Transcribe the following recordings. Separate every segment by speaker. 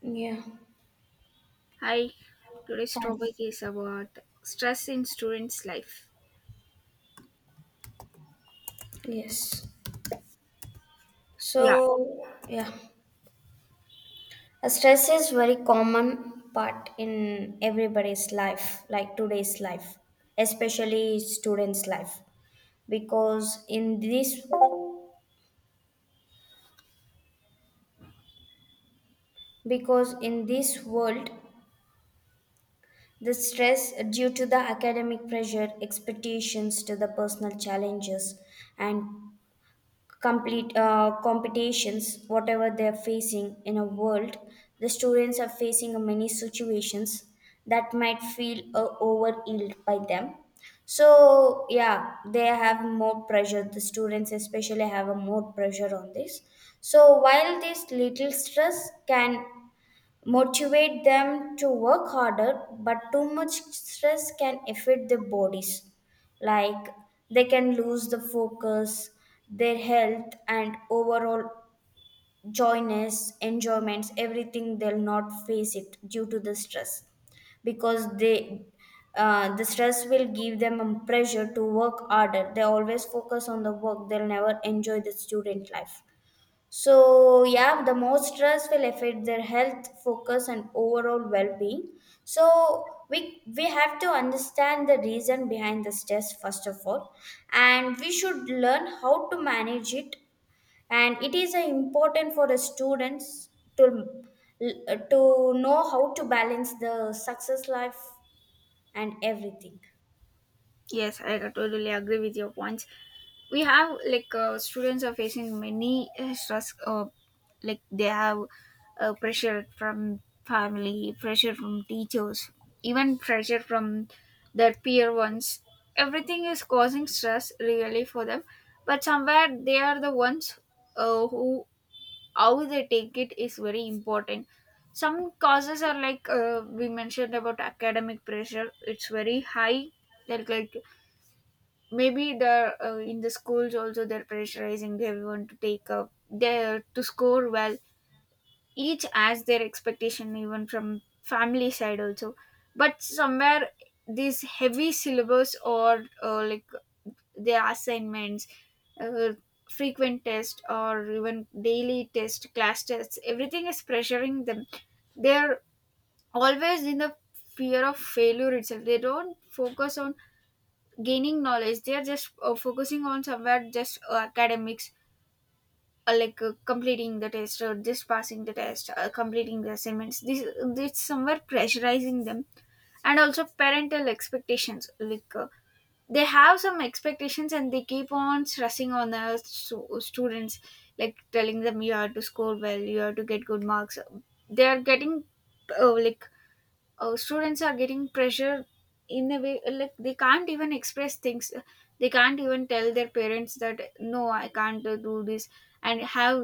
Speaker 1: Yeah.
Speaker 2: Hi, today's
Speaker 1: Hi.
Speaker 2: topic is about stress in students' life.
Speaker 1: Yes.
Speaker 2: Yeah,
Speaker 1: So, yeah, Stress is very common part in everybody's life, like today's life, especially students' life, because in this because in this world, the stress due to the academic pressure, expectations to the personal challenges, and complete competitions, whatever they're facing in a world, the students are facing many situations that might feel overwhelmed by them. So yeah, they have more pressure. The students especially have a more pressure on this. So while this little stress can motivate them to work harder but too much stress can affect their bodies, like they can lose the focus, their health, and overall joyness enjoyments everything they'll not face it due to the stress, because they the stress will give them a pressure to work harder, they always focus on the work, they'll never enjoy the student life. So, yeah, the more stress will affect their health, focus, and overall well being. So, we have to understand the reason behind the stress, first of all, and we should learn how to manage it. And it is important for the students to, to know how to balance the success life and everything.
Speaker 2: yes, I totally agree with your points. We have students are facing many stress, like they have pressure from family, pressure from teachers, even pressure from their peer ones. Everything is causing stress really for them, but somewhere they are the ones who, how they take it is very important. Some causes are we mentioned about academic pressure, it's very high, like maybe the in the schools also they're pressurizing everyone to take up there, to score well. Each has their expectation, even from family side also, but somewhere these heavy syllabus or like their assignments, uh, frequent test or even daily test, class tests, everything is pressuring them. They're always in the fear of failure itself. They don't focus on gaining knowledge, they are just focusing on somewhere just academics, like completing the test or just passing the test, completing the assignments. This somewhere pressurizing them. And also parental expectations, they have some expectations and they keep on stressing on the students, like telling them you have to score well, you have to get good marks. They are getting, uh, like students are getting pressure in a way like they can't even express things. They can't even tell their parents that no, I can't do this. And have,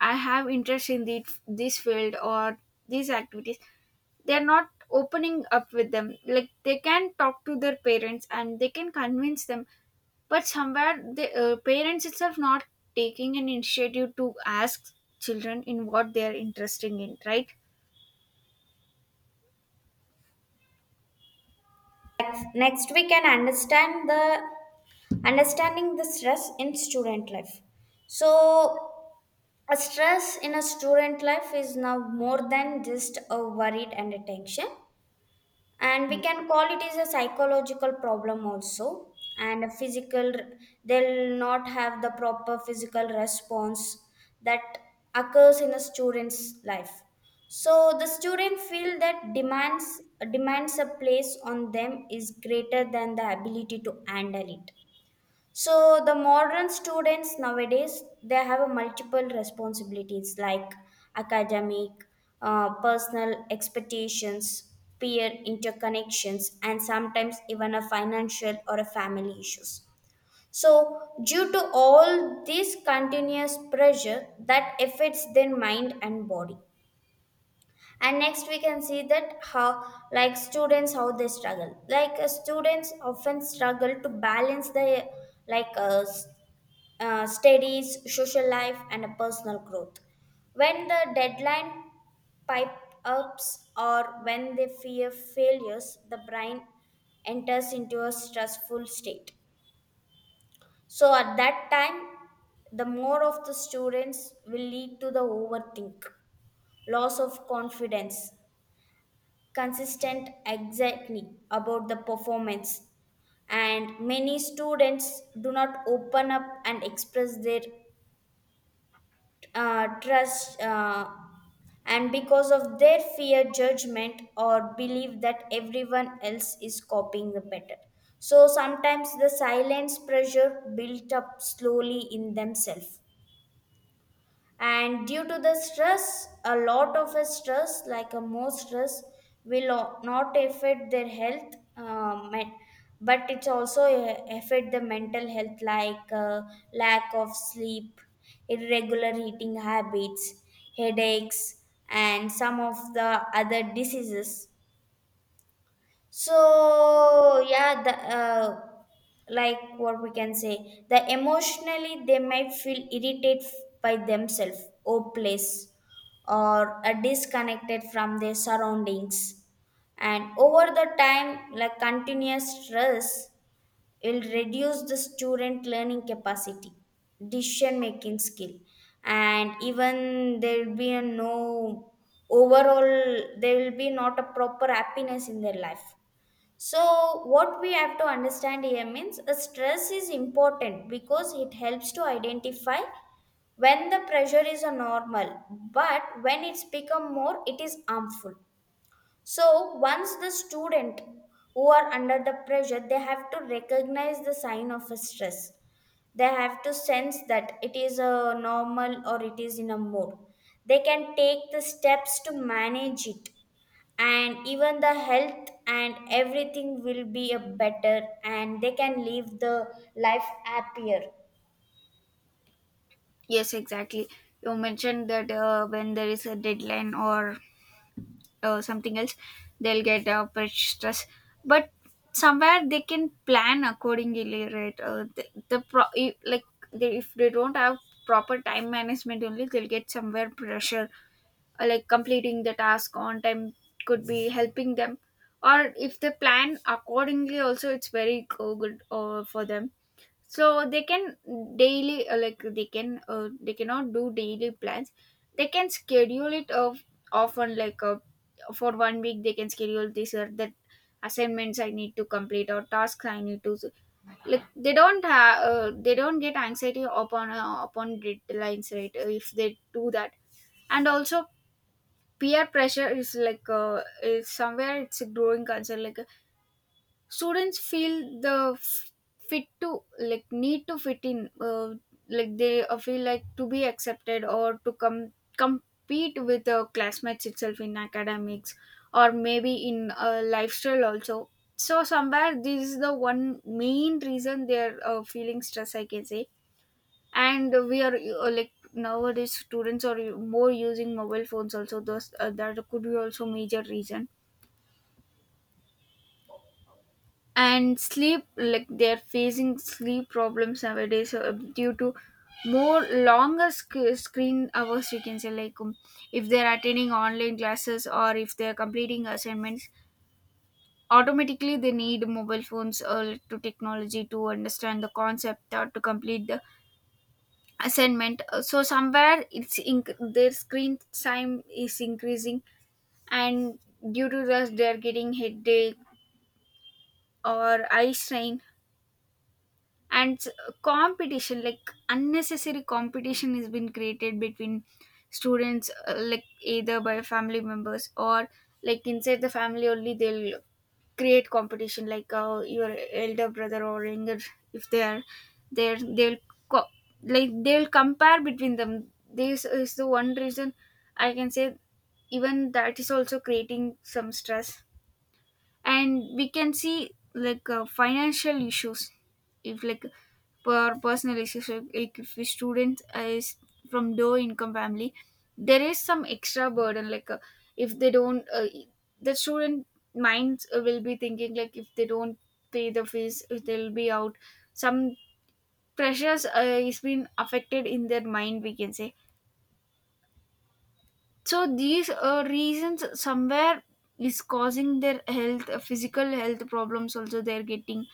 Speaker 2: I have interest in this field or these activities. They're not opening up with them, like they can talk to their parents and they can convince them, but somewhere the parents itself not taking an initiative to ask children in what they are interested in, right?
Speaker 1: Next, we can understand the understanding the stress in student life. So, a stress in a student life is now more than just a worried and a tension, and we can call it is a psychological problem also. And a physical, they'll not have the proper physical response that occurs in a student's life. So the student feel that demands a place on them is greater than the ability to handle it, so the modern students nowadays they have a multiple responsibilities like academic, personal expectations, peer interconnections, and sometimes even a financial or a family issues. So due to all this continuous pressure that affects their mind and body, and next we can see that how like students how they struggle, like students often struggle to balance the like uh, studies, social life, and a personal growth. When the deadline pipe ups or when they fear failures, the brain enters into a stressful state. So at that time, the more of the students will lead to the overthink, loss of confidence, consistent anxiety about the performance, and many students do not open up and express their trust and because of their fear judgment or belief that everyone else is copying the better, so sometimes the silence pressure built up slowly in themselves. And due to the stress, a lot of a stress like a more stress will not affect their health, but it's also affect the mental health, like lack of sleep, irregular eating habits, headaches, and some of the other diseases. So yeah, like what we can say, the emotionally they might feel irritated by themselves, hopeless, or disconnected from their surroundings. And over the time, like continuous stress will reduce the student learning capacity, decision making skill, and even there will be a no overall there will be not a proper happiness in their life. So, what we have to understand here means a stress is important because it helps to identify when the pressure is a normal, but when it's become more, it is harmful. So once the student who are under the pressure, they have to recognize the sign of a stress. They have to sense that it is a normal or it is in a mood. They can take the steps to manage it, and even the health and everything will be a better and they can live the life happier.
Speaker 2: Yes, exactly. You mentioned that when there is a deadline or something else, they'll get pressure stress. But somewhere they can plan accordingly, right? The pro if- like they, if they don't have proper time management, only they'll get somewhere pressure. Like completing the task on time could be helping them, or if they plan accordingly, also it's very good for them. So they can daily, like they can they cannot do daily plans, they can schedule it of often, for one week they can schedule this or that assignments I need to complete or tasks I need to. Like they don't have they don't get anxiety upon, upon deadlines, right? If they do that. And also peer pressure is is somewhere it's a growing concern. Like students feel the fit to, like, need to fit in, like they feel like to be accepted or to come compete with the classmates itself in academics or maybe in lifestyle also. So somewhere this is the one main reason they are feeling stress, I can say. And we are like, nowadays students are more using mobile phones also, those that could be also major reason. And sleep, like they're facing sleep problems nowadays due to more longer screen hours, we can say. If they're attending online classes or if they're completing assignments, automatically they need mobile phones or to technology to understand the concept or to complete the assignment. So somewhere it's their screen time is increasing, and due to this they're getting headache or eye strain. and s- Competition, like unnecessary competition has been created between students, like either by family members, or like inside the family only, they'll create competition, your elder brother or younger, if they are there they'll, co- like they'll compare between them. This is the one reason I can say, even that is also creating some stress. And we can see financial issues. If like, personal issues, like if a student is from low income family, there is some extra burden. If they don't the student minds will be thinking like if they don't pay the fees, if they'll be out, some pressures is been affected in their mind, we can say. So these reasons somewhere is causing their health, physical health problems also they're getting,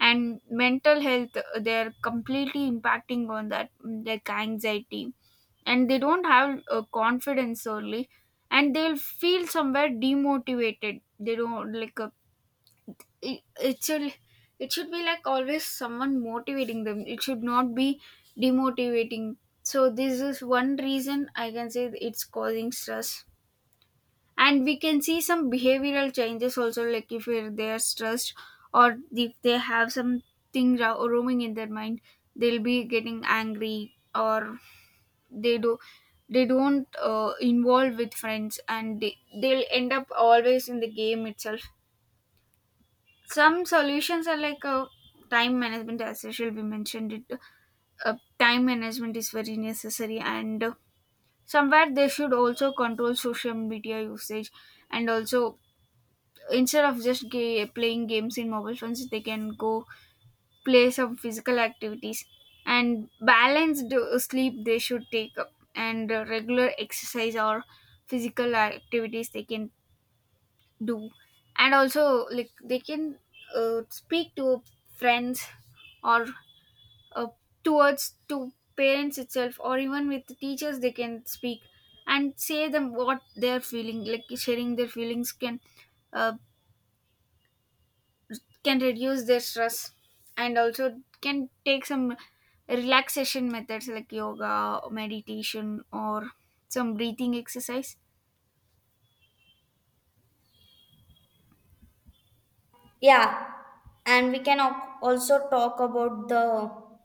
Speaker 2: and mental health, they're completely impacting on that. Like anxiety, and they don't have confidence early, and they'll feel somewhere demotivated. They don't like, it should, it should be like always someone motivating them, it should not be demotivating. So this is one reason I can say it's causing stress. And we can see some behavioral changes also, like if they are stressed, or if they have something roaming in their mind, they'll be getting angry, or they do they don't involve with friends, and they'll end up always in the game itself. Some solutions are time management, as usual we mentioned it. Time management is very necessary, and somewhere they should also control social media usage. And also, instead of just playing games in mobile phones, they can go play some physical activities. And balanced sleep they should take up, and regular exercise or physical activities they can do. And also, like they can speak to friends or uh, towards to parents itself, or even with the teachers they can speak and say them what they're feeling. Like sharing their feelings can, uh, can reduce their stress. And also can take some relaxation methods like yoga, meditation, or some breathing exercise.
Speaker 1: Yeah, and we can also talk about the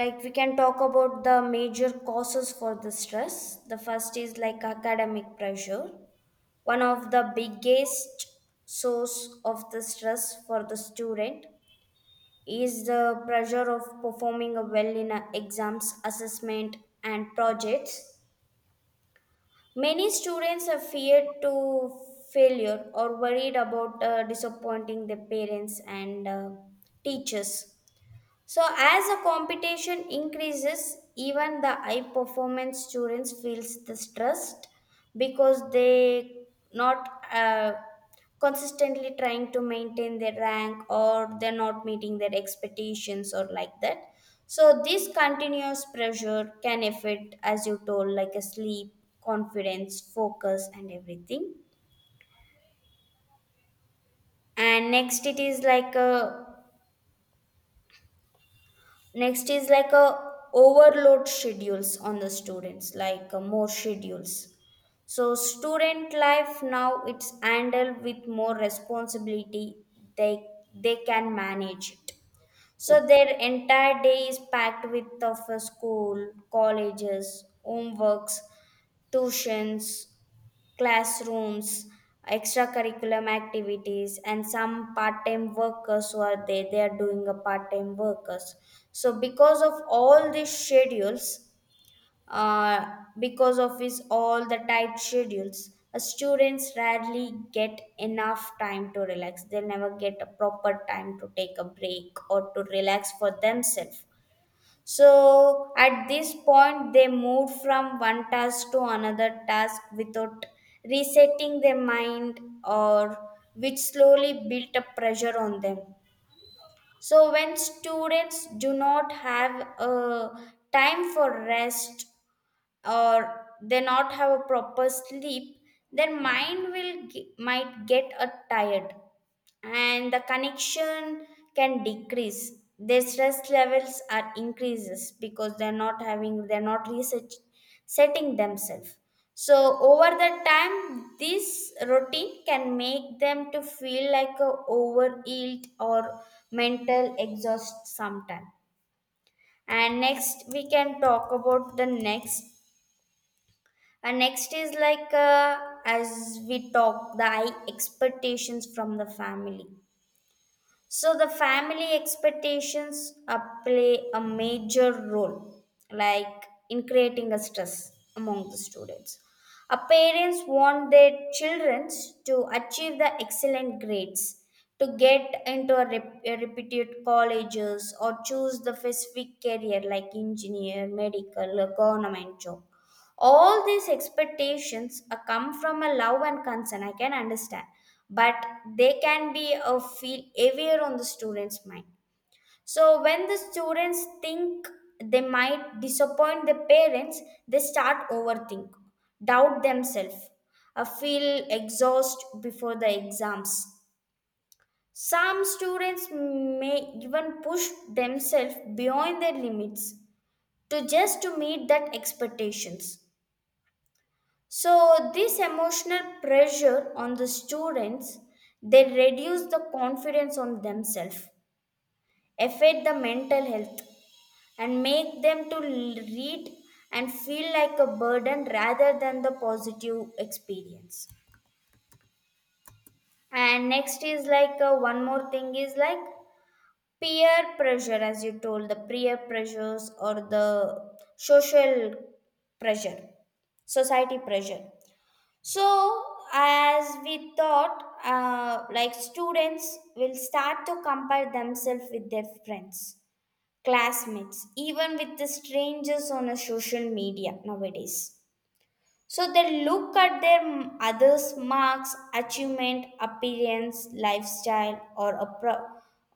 Speaker 1: like we can talk about the major causes for the stress. The first is like academic pressure, one of the biggest source of the stress for the student is the pressure of performing well in a exams assessment and projects. Many students are feared to failure or worried about disappointing their parents and teachers. So, as the competition increases, even the high performance students feels the stress, because they not consistently trying to maintain their rank or they're not meeting their expectations or like that. So, this continuous pressure can affect, as you told, like a sleep, confidence, focus, and everything. And next it is like a next is like a overload schedules on the students, like more schedules. So student life now it's handled with more responsibility. They they can manage it. So their entire day is packed with of school, colleges, homeworks, tuitions, classrooms, extracurriculum activities, and some part-time workers who are there. They are doing a part-time workers. So because of all these schedules, uh, because of his all the tight schedules, students rarely get enough time to relax. They never get a proper time to take a break or to relax for themselves. So at this point, they moved from one task to another task without resetting their mind, or which slowly built up pressure on them. So when students do not have a time for rest or they not have a proper sleep, their mind will might get a tired and the connection can decrease, their stress levels are increases because they're not having they're not research setting themselves. So over the time, this routine can make them to feel like a overhealed or mental exhaust sometime. And next we can talk about the next and next is like, as we talk, the high expectations from the family. So the family expectations play a major role, like in creating a stress among the students. A parents want their children to achieve the excellent grades, to get into a, a reputed colleges or choose the specific career like engineer, medical, or government job. All these expectations come from a love and concern, I can understand, but they can be a feel heavier on the students mind. So when the students think they might disappoint the parents, they start overthink, doubt themselves, feel exhausted before the exams. Some students may even push themselves beyond their limits to just to meet that expectations. So this emotional pressure on the students, they reduce the confidence on themselves, affect the mental health, and make them to read and feel like a burden rather than the positive experience. And next is like one more thing is like peer pressure, as you told, the peer pressures or the social pressure, society pressure. So, as we thought, like students will start to compare themselves with their friends, classmates, even with the strangers on a social media nowadays. So they look at their others' marks, achievement, appearance, lifestyle, or a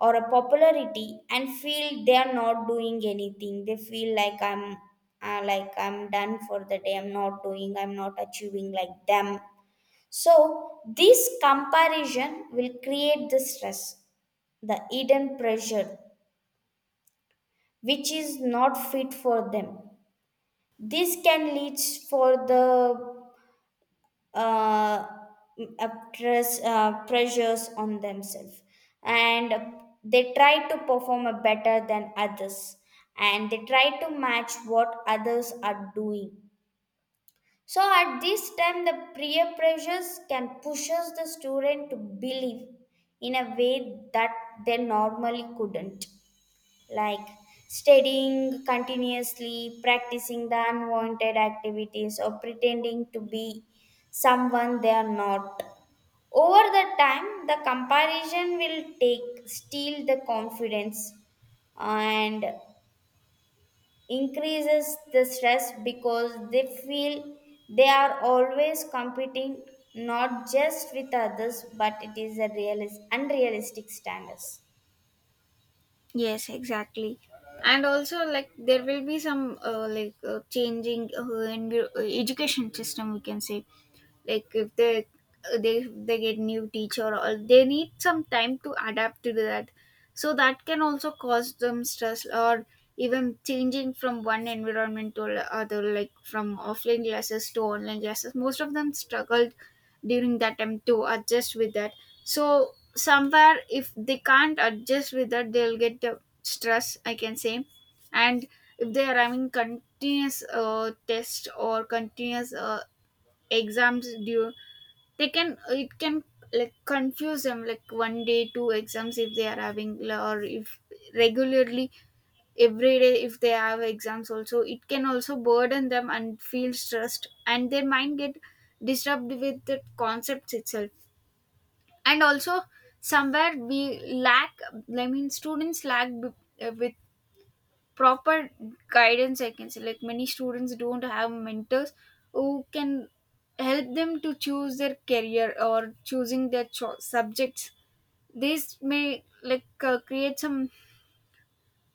Speaker 1: or a popularity, and feel they are not doing anything. They feel like I'm done for the day. I'm not doing. I'm not achieving like them. So, this comparison will create the stress, the hidden pressure, which is not fit for them. This can lead for the uh, uh, stress, pressures on themselves, and they try to perform a better than others, and they try to match what others are doing. So at this time, the peer pressures can pushes the student to believe in a way that they normally couldn't, like studying continuously, practicing the unwanted activities, or pretending to be someone they are not. Over the time, the comparison will take steal the confidence and increases the stress because they feel they are always competing not just with others but it is a unrealistic standards.
Speaker 2: Yes, exactly. And also, like there will be some changing, education system, we can say. Like if they they get new teacher, or they need some time to adapt to that, so that can also cause them stress. Or even changing from one environment to the other, like from offline classes to online classes, most of them struggled during that time to adjust with that. So somewhere if they can't adjust with that, they'll get the stress, I can say. And if they are having continuous test or continuous exams due, they can it can like confuse them. Like one day two exams if they are having, or if regularly every day if they have exams also, it can also burden them and feel stressed, and their mind get disturbed with the concepts itself. And also somewhere we lack, I mean students lack, with proper guidance I can say. Like many students don't have mentors who can help them to choose their career or choosing their subjects. This may create some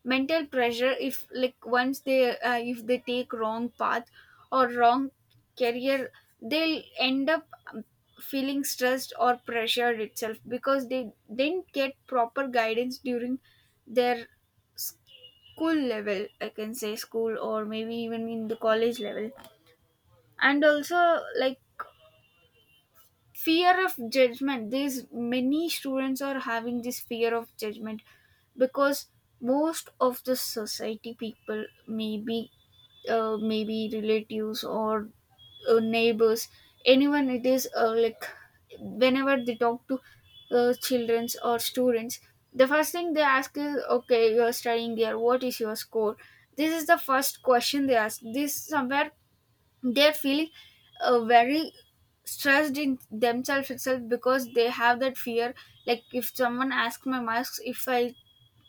Speaker 2: mental pressure, if like once they if they take wrong path or wrong career, they'll end up um, feeling stressed or pressured itself, because they didn't get proper guidance during their school level, I can say, school or maybe even in the college level. And also like, fear of judgment, these many students are having this fear of judgment, because most of the society people, maybe maybe relatives or neighbors, anyone it is, like whenever they talk to children or students, the first thing they ask is, okay, you are studying here, what is your score? This is the first question they ask. This somewhere they feel very stressed in themselves itself, because they have that fear. Like if someone asks my marks, if I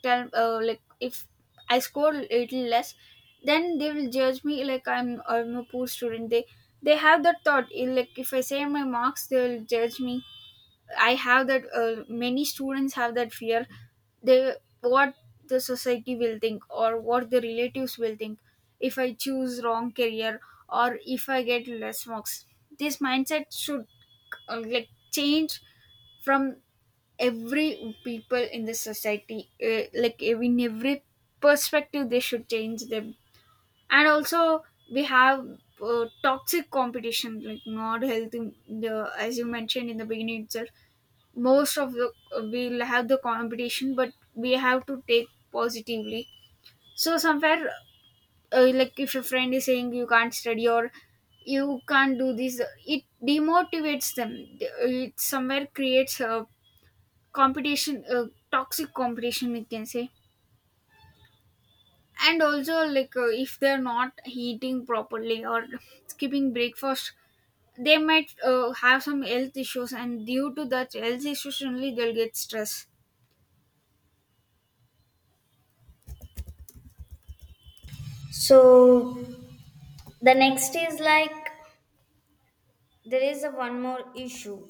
Speaker 2: tell, like if I score little less, then they will judge me like I'm a poor student. They have that thought. Like if I say my marks they will judge me. I have that Many students have that fear. They what the society will think, or what the relatives will think, if I choose wrong career or if I get less marks. This mindset should like change from every people in the society, like in every perspective, they should change them. And also we have toxic competition, like not healthy, as you mentioned in the beginning itself. Most of the, we'll have the competition, but we have to take positively. So somewhere, like if your friend is saying you can't study or you can't do this, it demotivates them. It somewhere creates a competition, a toxic competition, we can say. And also, like if they're not eating properly or skipping breakfast, they might have some health issues, and due to that health issues only, they'll get stress.
Speaker 1: So the next is like there is a one more issue,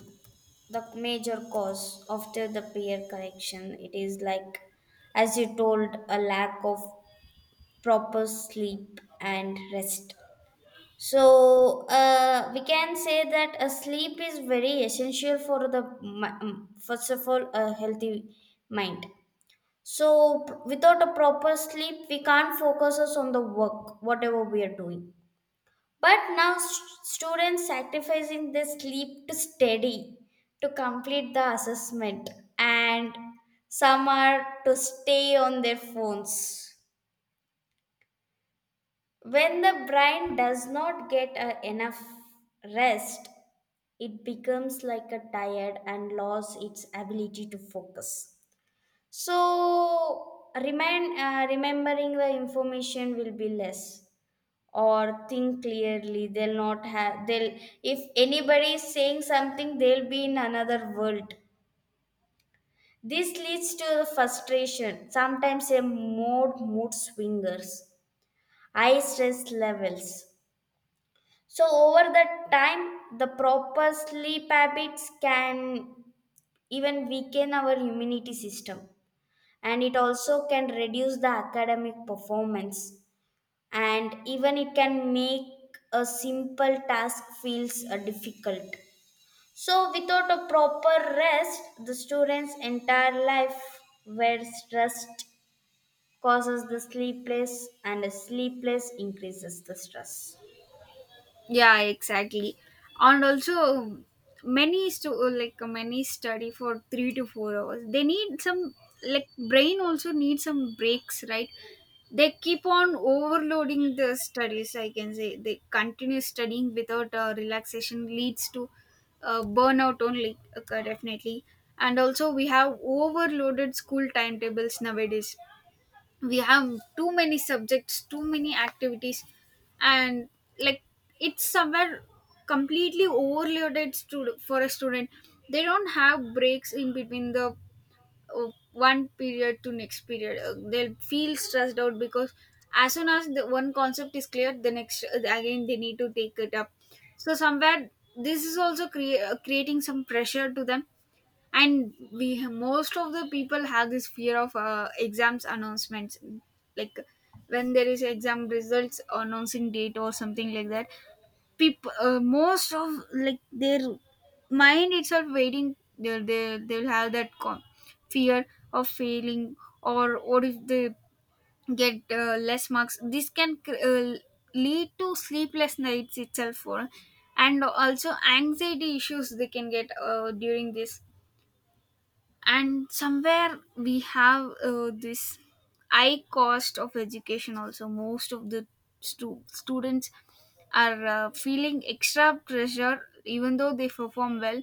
Speaker 1: the major cause after the peer correction it is like, as you told, a lack of proper sleep and rest. So we can say that a sleep is very essential for the first of all a healthy mind. So without a proper sleep, we can't focus us on the work whatever we are doing. But now students sacrificing their sleep to study, to complete the assessment, and some are to stay on their phones. When the brain does not get enough rest, it becomes like a tired and lost its ability to focus. So, remembering the information will be less or think clearly they'll not have they'll if anybody is saying something they'll be in another world. This leads to the frustration sometimes a more mood swingers, high stress levels. So over that time, the proper sleep habits can even weaken our immunity system and it also can reduce the academic performance and even it can make a simple task feels difficult. So without a proper rest, the student's entire life where stress causes the sleepless and sleepless increases the stress.
Speaker 2: Yeah, exactly. And also many like many study for 3 to 4 hours. They need some, like, brain also needs some breaks, right? They keep on overloading the studies, I can say. They continue studying without relaxation, leads to burnout only, occur definitely. And also we have overloaded school timetables nowadays. We have too many subjects, too many activities. And, like, it's somewhere completely overloaded for a student. They don't have breaks in between the one period to next period. They'll feel stressed out, because as soon as the one concept is clear, the next, again they need to take it up. So somewhere this is also creating some pressure to them. And most of the people have this fear of exams announcements. Like when there is exam results announcing date or something like that, people, most of, like, their mind itself waiting, they'll have that fear of failing, or if they get less marks, this can lead to sleepless nights itself for. And also anxiety issues they can get during this. And somewhere we have, this high cost of education also. Most of the students are feeling extra pressure. Even though they perform well,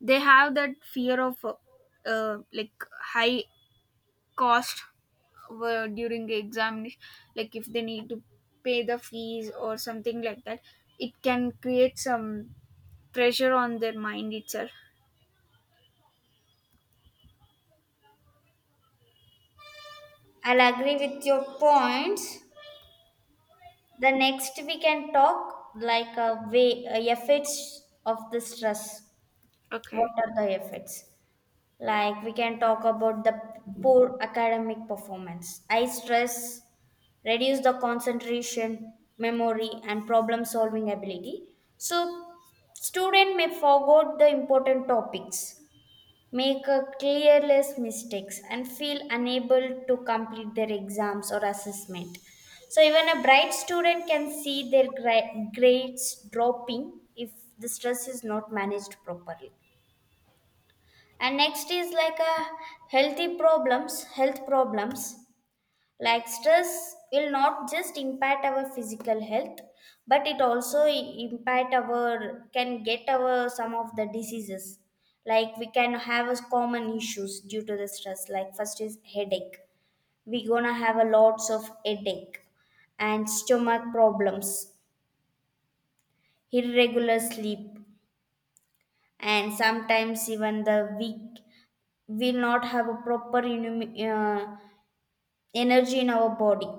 Speaker 2: they have that fear of like high cost during the examination. Like if they need to pay the fees or something like that, it can create some pressure on their mind itself.
Speaker 1: I'll agree with your points. The next we can talk like a way effects of the stress. What
Speaker 2: Okay.
Speaker 1: are the effects? Like we can talk about the poor academic performance, high stress, reduce the concentration, memory, and problem solving ability. So student may forget the important topics, make a clearless mistakes and feel unable to complete their exams or assessment. So even a bright student can see their grades dropping if the stress is not managed properly. And next is like a health problems. Like stress will not just impact our physical health, but it also I- impact our can get our some of the diseases. Like we can have as common issues due to the stress. Like first is headache, we gonna have a lots of headache, and stomach problems, irregular sleep, and sometimes even the weak will not have a proper energy in our body.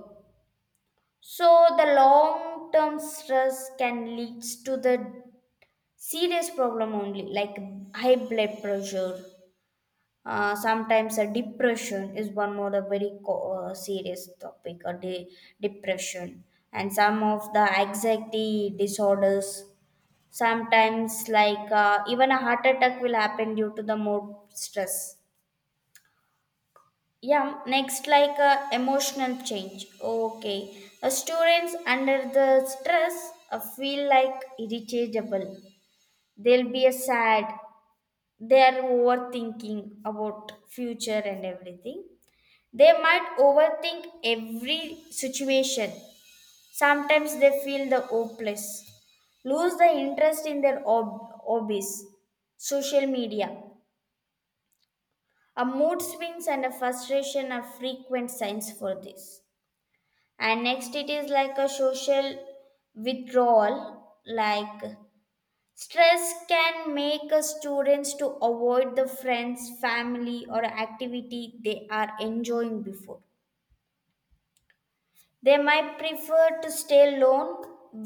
Speaker 1: So the long term stress can lead to the serious problem only, like high blood pressure. Sometimes a depression is one more a very serious topic. Depression and some of the anxiety disorders. Sometimes like even a heart attack will happen due to the more stress. Yeah, next, like emotional change. Okay. Students under the stress feel like irritable. They'll be sad. They are overthinking about future and everything. They might overthink every situation. Sometimes they feel the hopeless. Lose the interest in their hobbies. Social media. A mood swings and a frustration are frequent signs for this. And next it is like a social withdrawal. Like stress can make a students to avoid the friends, family or activity they are enjoying before. They might prefer to stay alone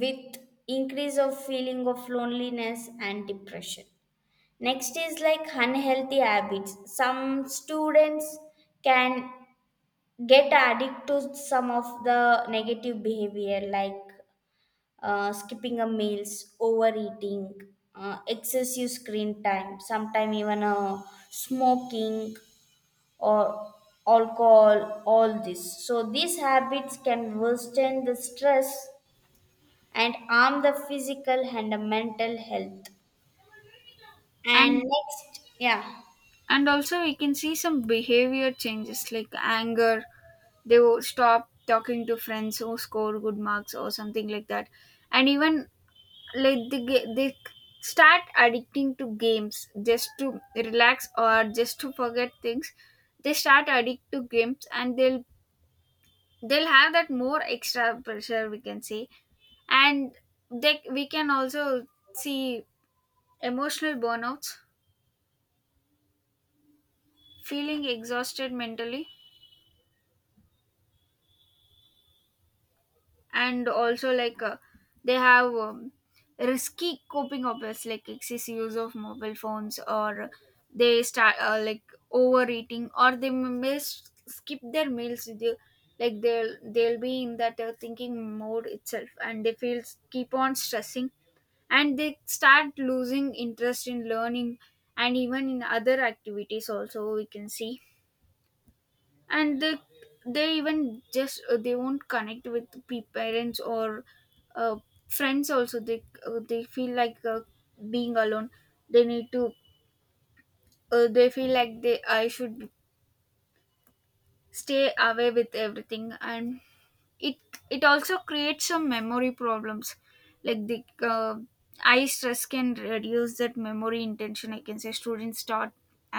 Speaker 1: with increase of feeling of loneliness and depression. Next is like unhealthy habits. Some students can get addicted to some of the negative behavior like skipping a meals, overeating, excessive screen time, sometimes even smoking or alcohol, all this. So these habits can worsen the stress and harm the physical and the mental health. And
Speaker 2: and
Speaker 1: next, yeah,
Speaker 2: and also we can see some behavior changes like anger. They will stop talking to friends who score good marks or something like that. And even, like they start addicting to games just to relax or just to forget things. They start addict to games, and they'll have that more extra pressure, we can say. And they we can also see emotional burnouts, feeling exhausted mentally. And also, like, they have risky coping habits like excessive use of mobile phones, or they start, like, overeating, or they may skip their meals. Like, they'll be in that thinking mode itself, and they feel keep on stressing. And they start losing interest in learning, and even in other activities also we can see. And they even just, they won't connect with parents or uh, friends also. They feel like, being alone. They need to, they feel like they, I should stay away with everything. And it it also creates some memory problems. Like the, eye stress can reduce that memory intention, I can say. Students start,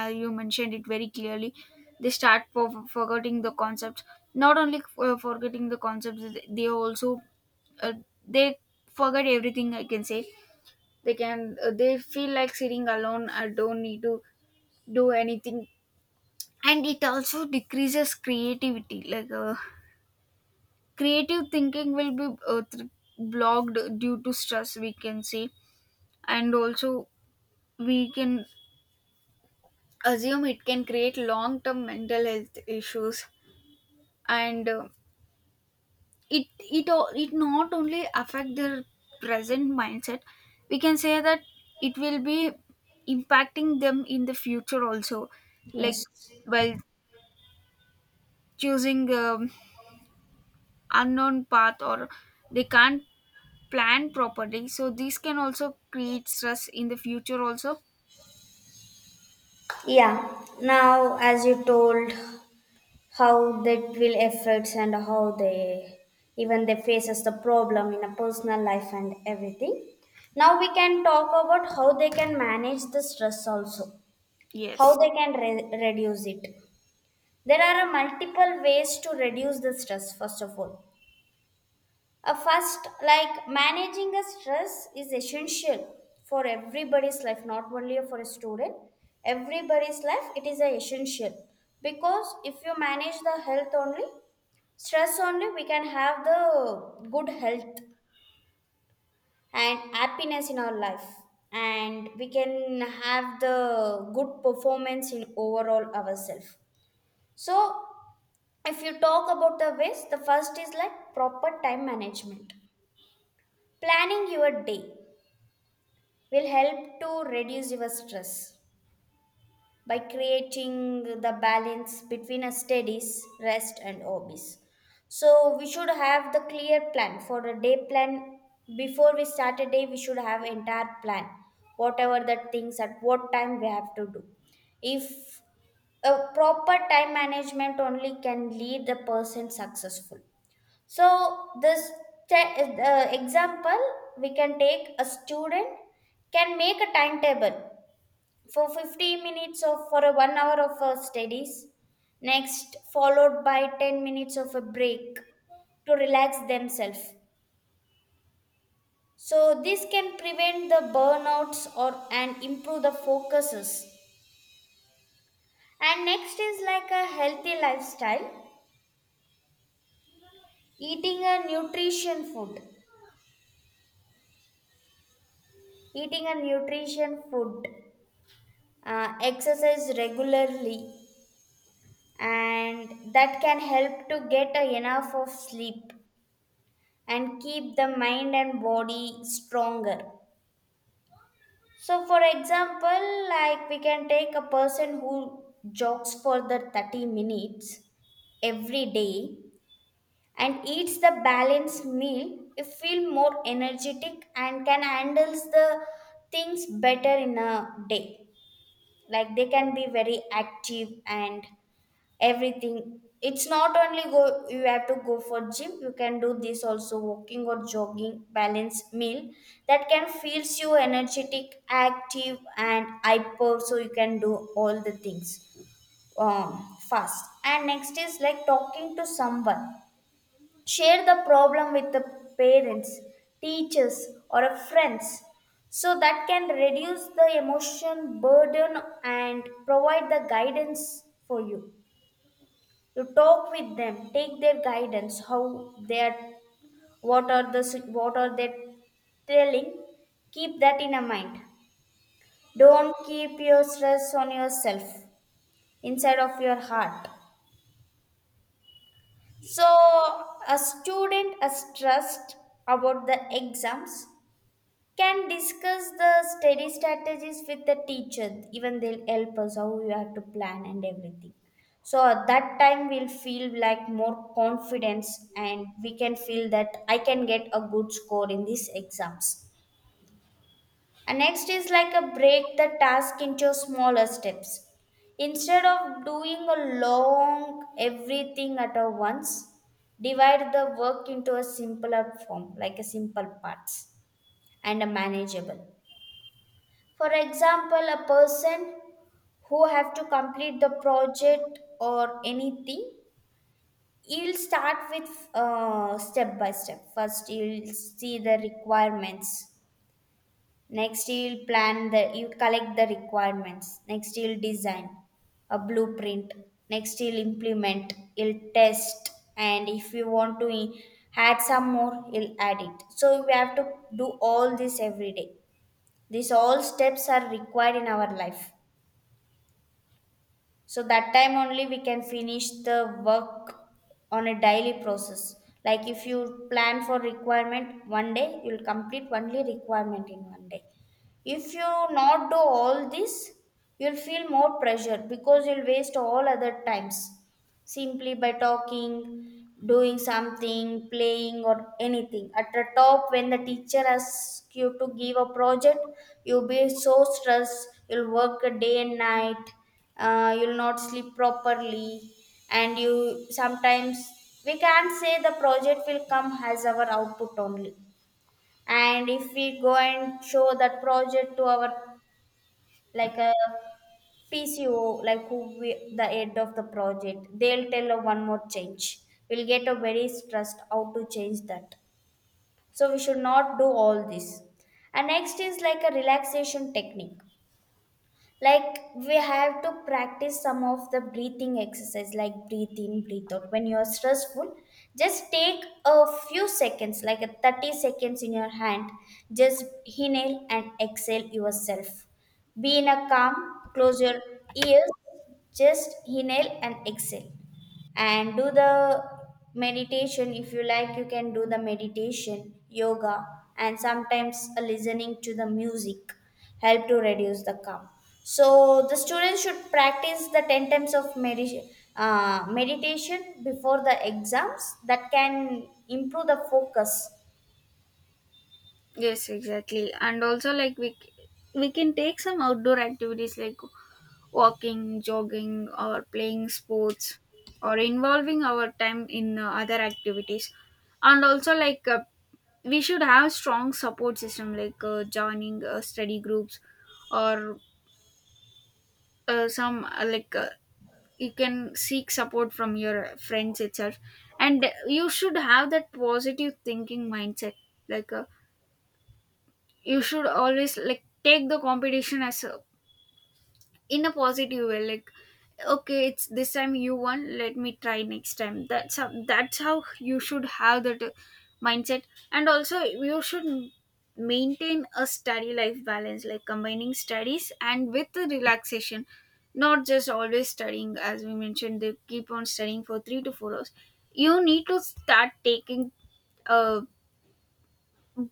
Speaker 2: as you mentioned it very clearly, they start forgetting the concepts. Not only forgetting the concepts, they also, uh, they forget everything, I can say. They can, they feel like sitting alone, I don't need to do anything. And it also decreases creativity, like, creative thinking will be blocked due to stress, we can say. And also we can assume it can create long term mental health issues. And, it, it not only affect their present mindset. We can say that it will be impacting them in the future also. Like
Speaker 1: yes.
Speaker 2: while choosing, unknown path, or they can't planned properly, so these can also create stress in the future also.
Speaker 1: Yeah, now as you told how that will affects and how they even they faces the problem in a personal life and everything, now we can talk about how they can manage the stress also, how
Speaker 2: Yes.
Speaker 1: they can reduce it. There are a multiple ways to reduce the stress. First of all, a first like managing a stress is essential for everybody's life, not only for a student. Everybody's life it is a essential, because if you manage the health only, stress only, we can have the good health and happiness in our life, and we can have the good performance in overall ourselves. So if you talk about the ways, the first is like proper time management. Planning your day will help to reduce your stress by creating the balance between our studies, rest, and hobbies. So we should have the clear plan for a day plan. Before we start a day, we should have entire plan. Whatever the things at what time we have to do. If a proper time management only can lead the person successful. So this te- example, we can take a student can make a timetable for 50 minutes of for a 1 hour of studies, next followed by 10 minutes of a break to relax themselves. So this can prevent the burnouts or and improve the focuses. And next is like a healthy lifestyle. eating a nutrition food Eating a nutrition food, exercise regularly, and that can help to get a enough of sleep and keep the mind and body stronger. So for example, like we can take a person who jogs for the 30 minutes every day and eats the balanced meal, you feel more energetic and can handles the things better in a day. Like they can be very active, and everything. It's not only go you have to go for gym, you can do this also, walking or jogging, balance meal. That can feels you energetic, active and hyper, so you can do all the things fast. And next is like talking to someone. Share the problem with the parents, teachers or a friends, so that can reduce the emotion burden and provide the guidance for you. You talk with them, take their guidance, how they are, what are they telling, keep that in a mind. Don't keep your stress on yourself, inside of your heart. So a student is stressed about the exams, can discuss the study strategies with the teacher, even they'll help us how we have to plan and everything. So at that time we'll feel like more confidence, and we can feel that I can get a good score in these exams. And next is like a break the task into smaller steps. Instead of doing a long everything at a once, divide the work into a simpler form, like a simple parts and a manageable. For example, a person who have to complete the project or anything, he'll start with step by step. First, he'll see the requirements. Next, he'll he'll collect the requirements. Next, he'll design a blueprint. Next, he'll test. And if you want to add some more, he'll add it. So we have to do all this every day. These all steps are required in our life, so that time only we can finish the work on a daily process. Like if you plan for requirement one day, you'll complete only requirement in one day. If you not do all this, you'll feel more pressure because you'll waste all other times simply by talking, doing something, playing or anything at the top. When the teacher asks you to give a project, you'll be so stressed, you'll work a day and night, you'll not sleep properly. And you sometimes, we can't say the project will come as our output only. And if we go and show that project to our, like a PCO, like who we, the head of the project, they'll tell one more change. We'll get a very stressed how to change that. So we should not do all this. And next is like a relaxation technique. Like we have to practice some of the breathing exercise, like breathe in, breathe out. When you're stressful, just take a few seconds, like a 30 seconds in your hand, just inhale and exhale yourself. Be in a calm, close your ears, just inhale and exhale, and do the meditation. If you like, you can do the meditation, yoga, and sometimes a listening to the music help to reduce the calm. So the students should practice the 10 times of meditation, meditation before the exams, that can improve the focus.
Speaker 2: Yes, exactly. And also, like we can take some outdoor activities like walking, jogging, or playing sports, or involving our time in other activities. And also, like, we should have strong support system, like joining study groups, or some like, you can seek support from your friends itself. And you should have that positive thinking mindset, like, you should always, like, take the competition as a, in a positive way. Like, okay, it's this time you won, let me try next time. That's how, that's how you should have that, mindset. And also you should maintain a study life balance, like combining studies and with the relaxation, not just always studying. As we mentioned, they keep on studying for 3 to 4 hours. You need to start taking uh,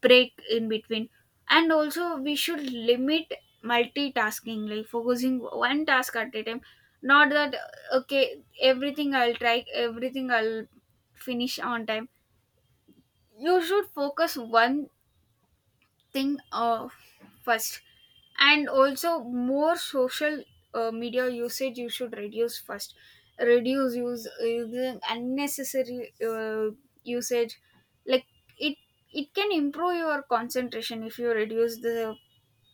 Speaker 2: break in between. And also we should limit multitasking, like focusing one task at a time, not that, okay, everything I'll try, everything I'll finish on time. You should focus one thing, first. And also more social media usage you should reduce. First reduce use, using unnecessary usage. Like, it it can improve your concentration if you reduce the,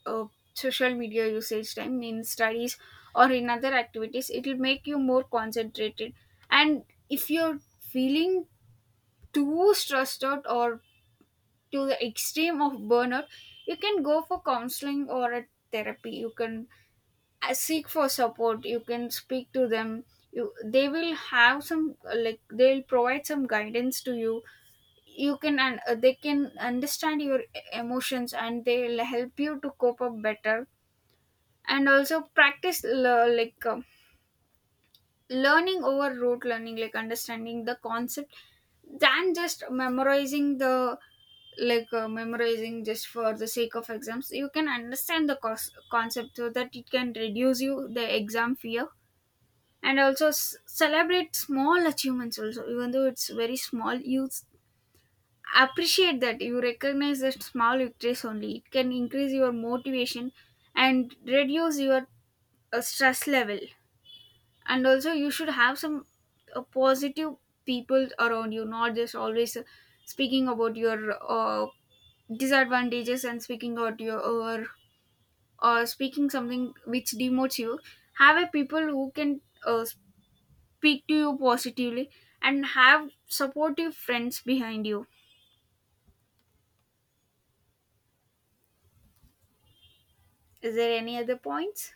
Speaker 2: uh, social media usage time. In studies or in other activities, it will make you more concentrated. And if you're feeling too stressed out, or to the extreme of burnout, you can go for counseling or a therapy. You can, seek for support. You can speak to them. You, they will have some, like, they'll provide some guidance to you. You can, and, they can understand your emotions, and they'll help you to cope up better. And also practice, like, learning over rote learning, like understanding the concept than just memorizing the, like, memorizing just for the sake of exams. You can understand the concept, so that it can reduce you the exam fear. And also celebrate small achievements also. Even though it's very small, you appreciate that, you recognize that small victories only. It can increase your motivation and reduce your stress level. And also you should have some positive people around you, not just always speaking about your disadvantages and speaking out your, or speaking something which demotes you. Have a people who can uh, speak to you positively, and have supportive friends behind you. Is there any other points?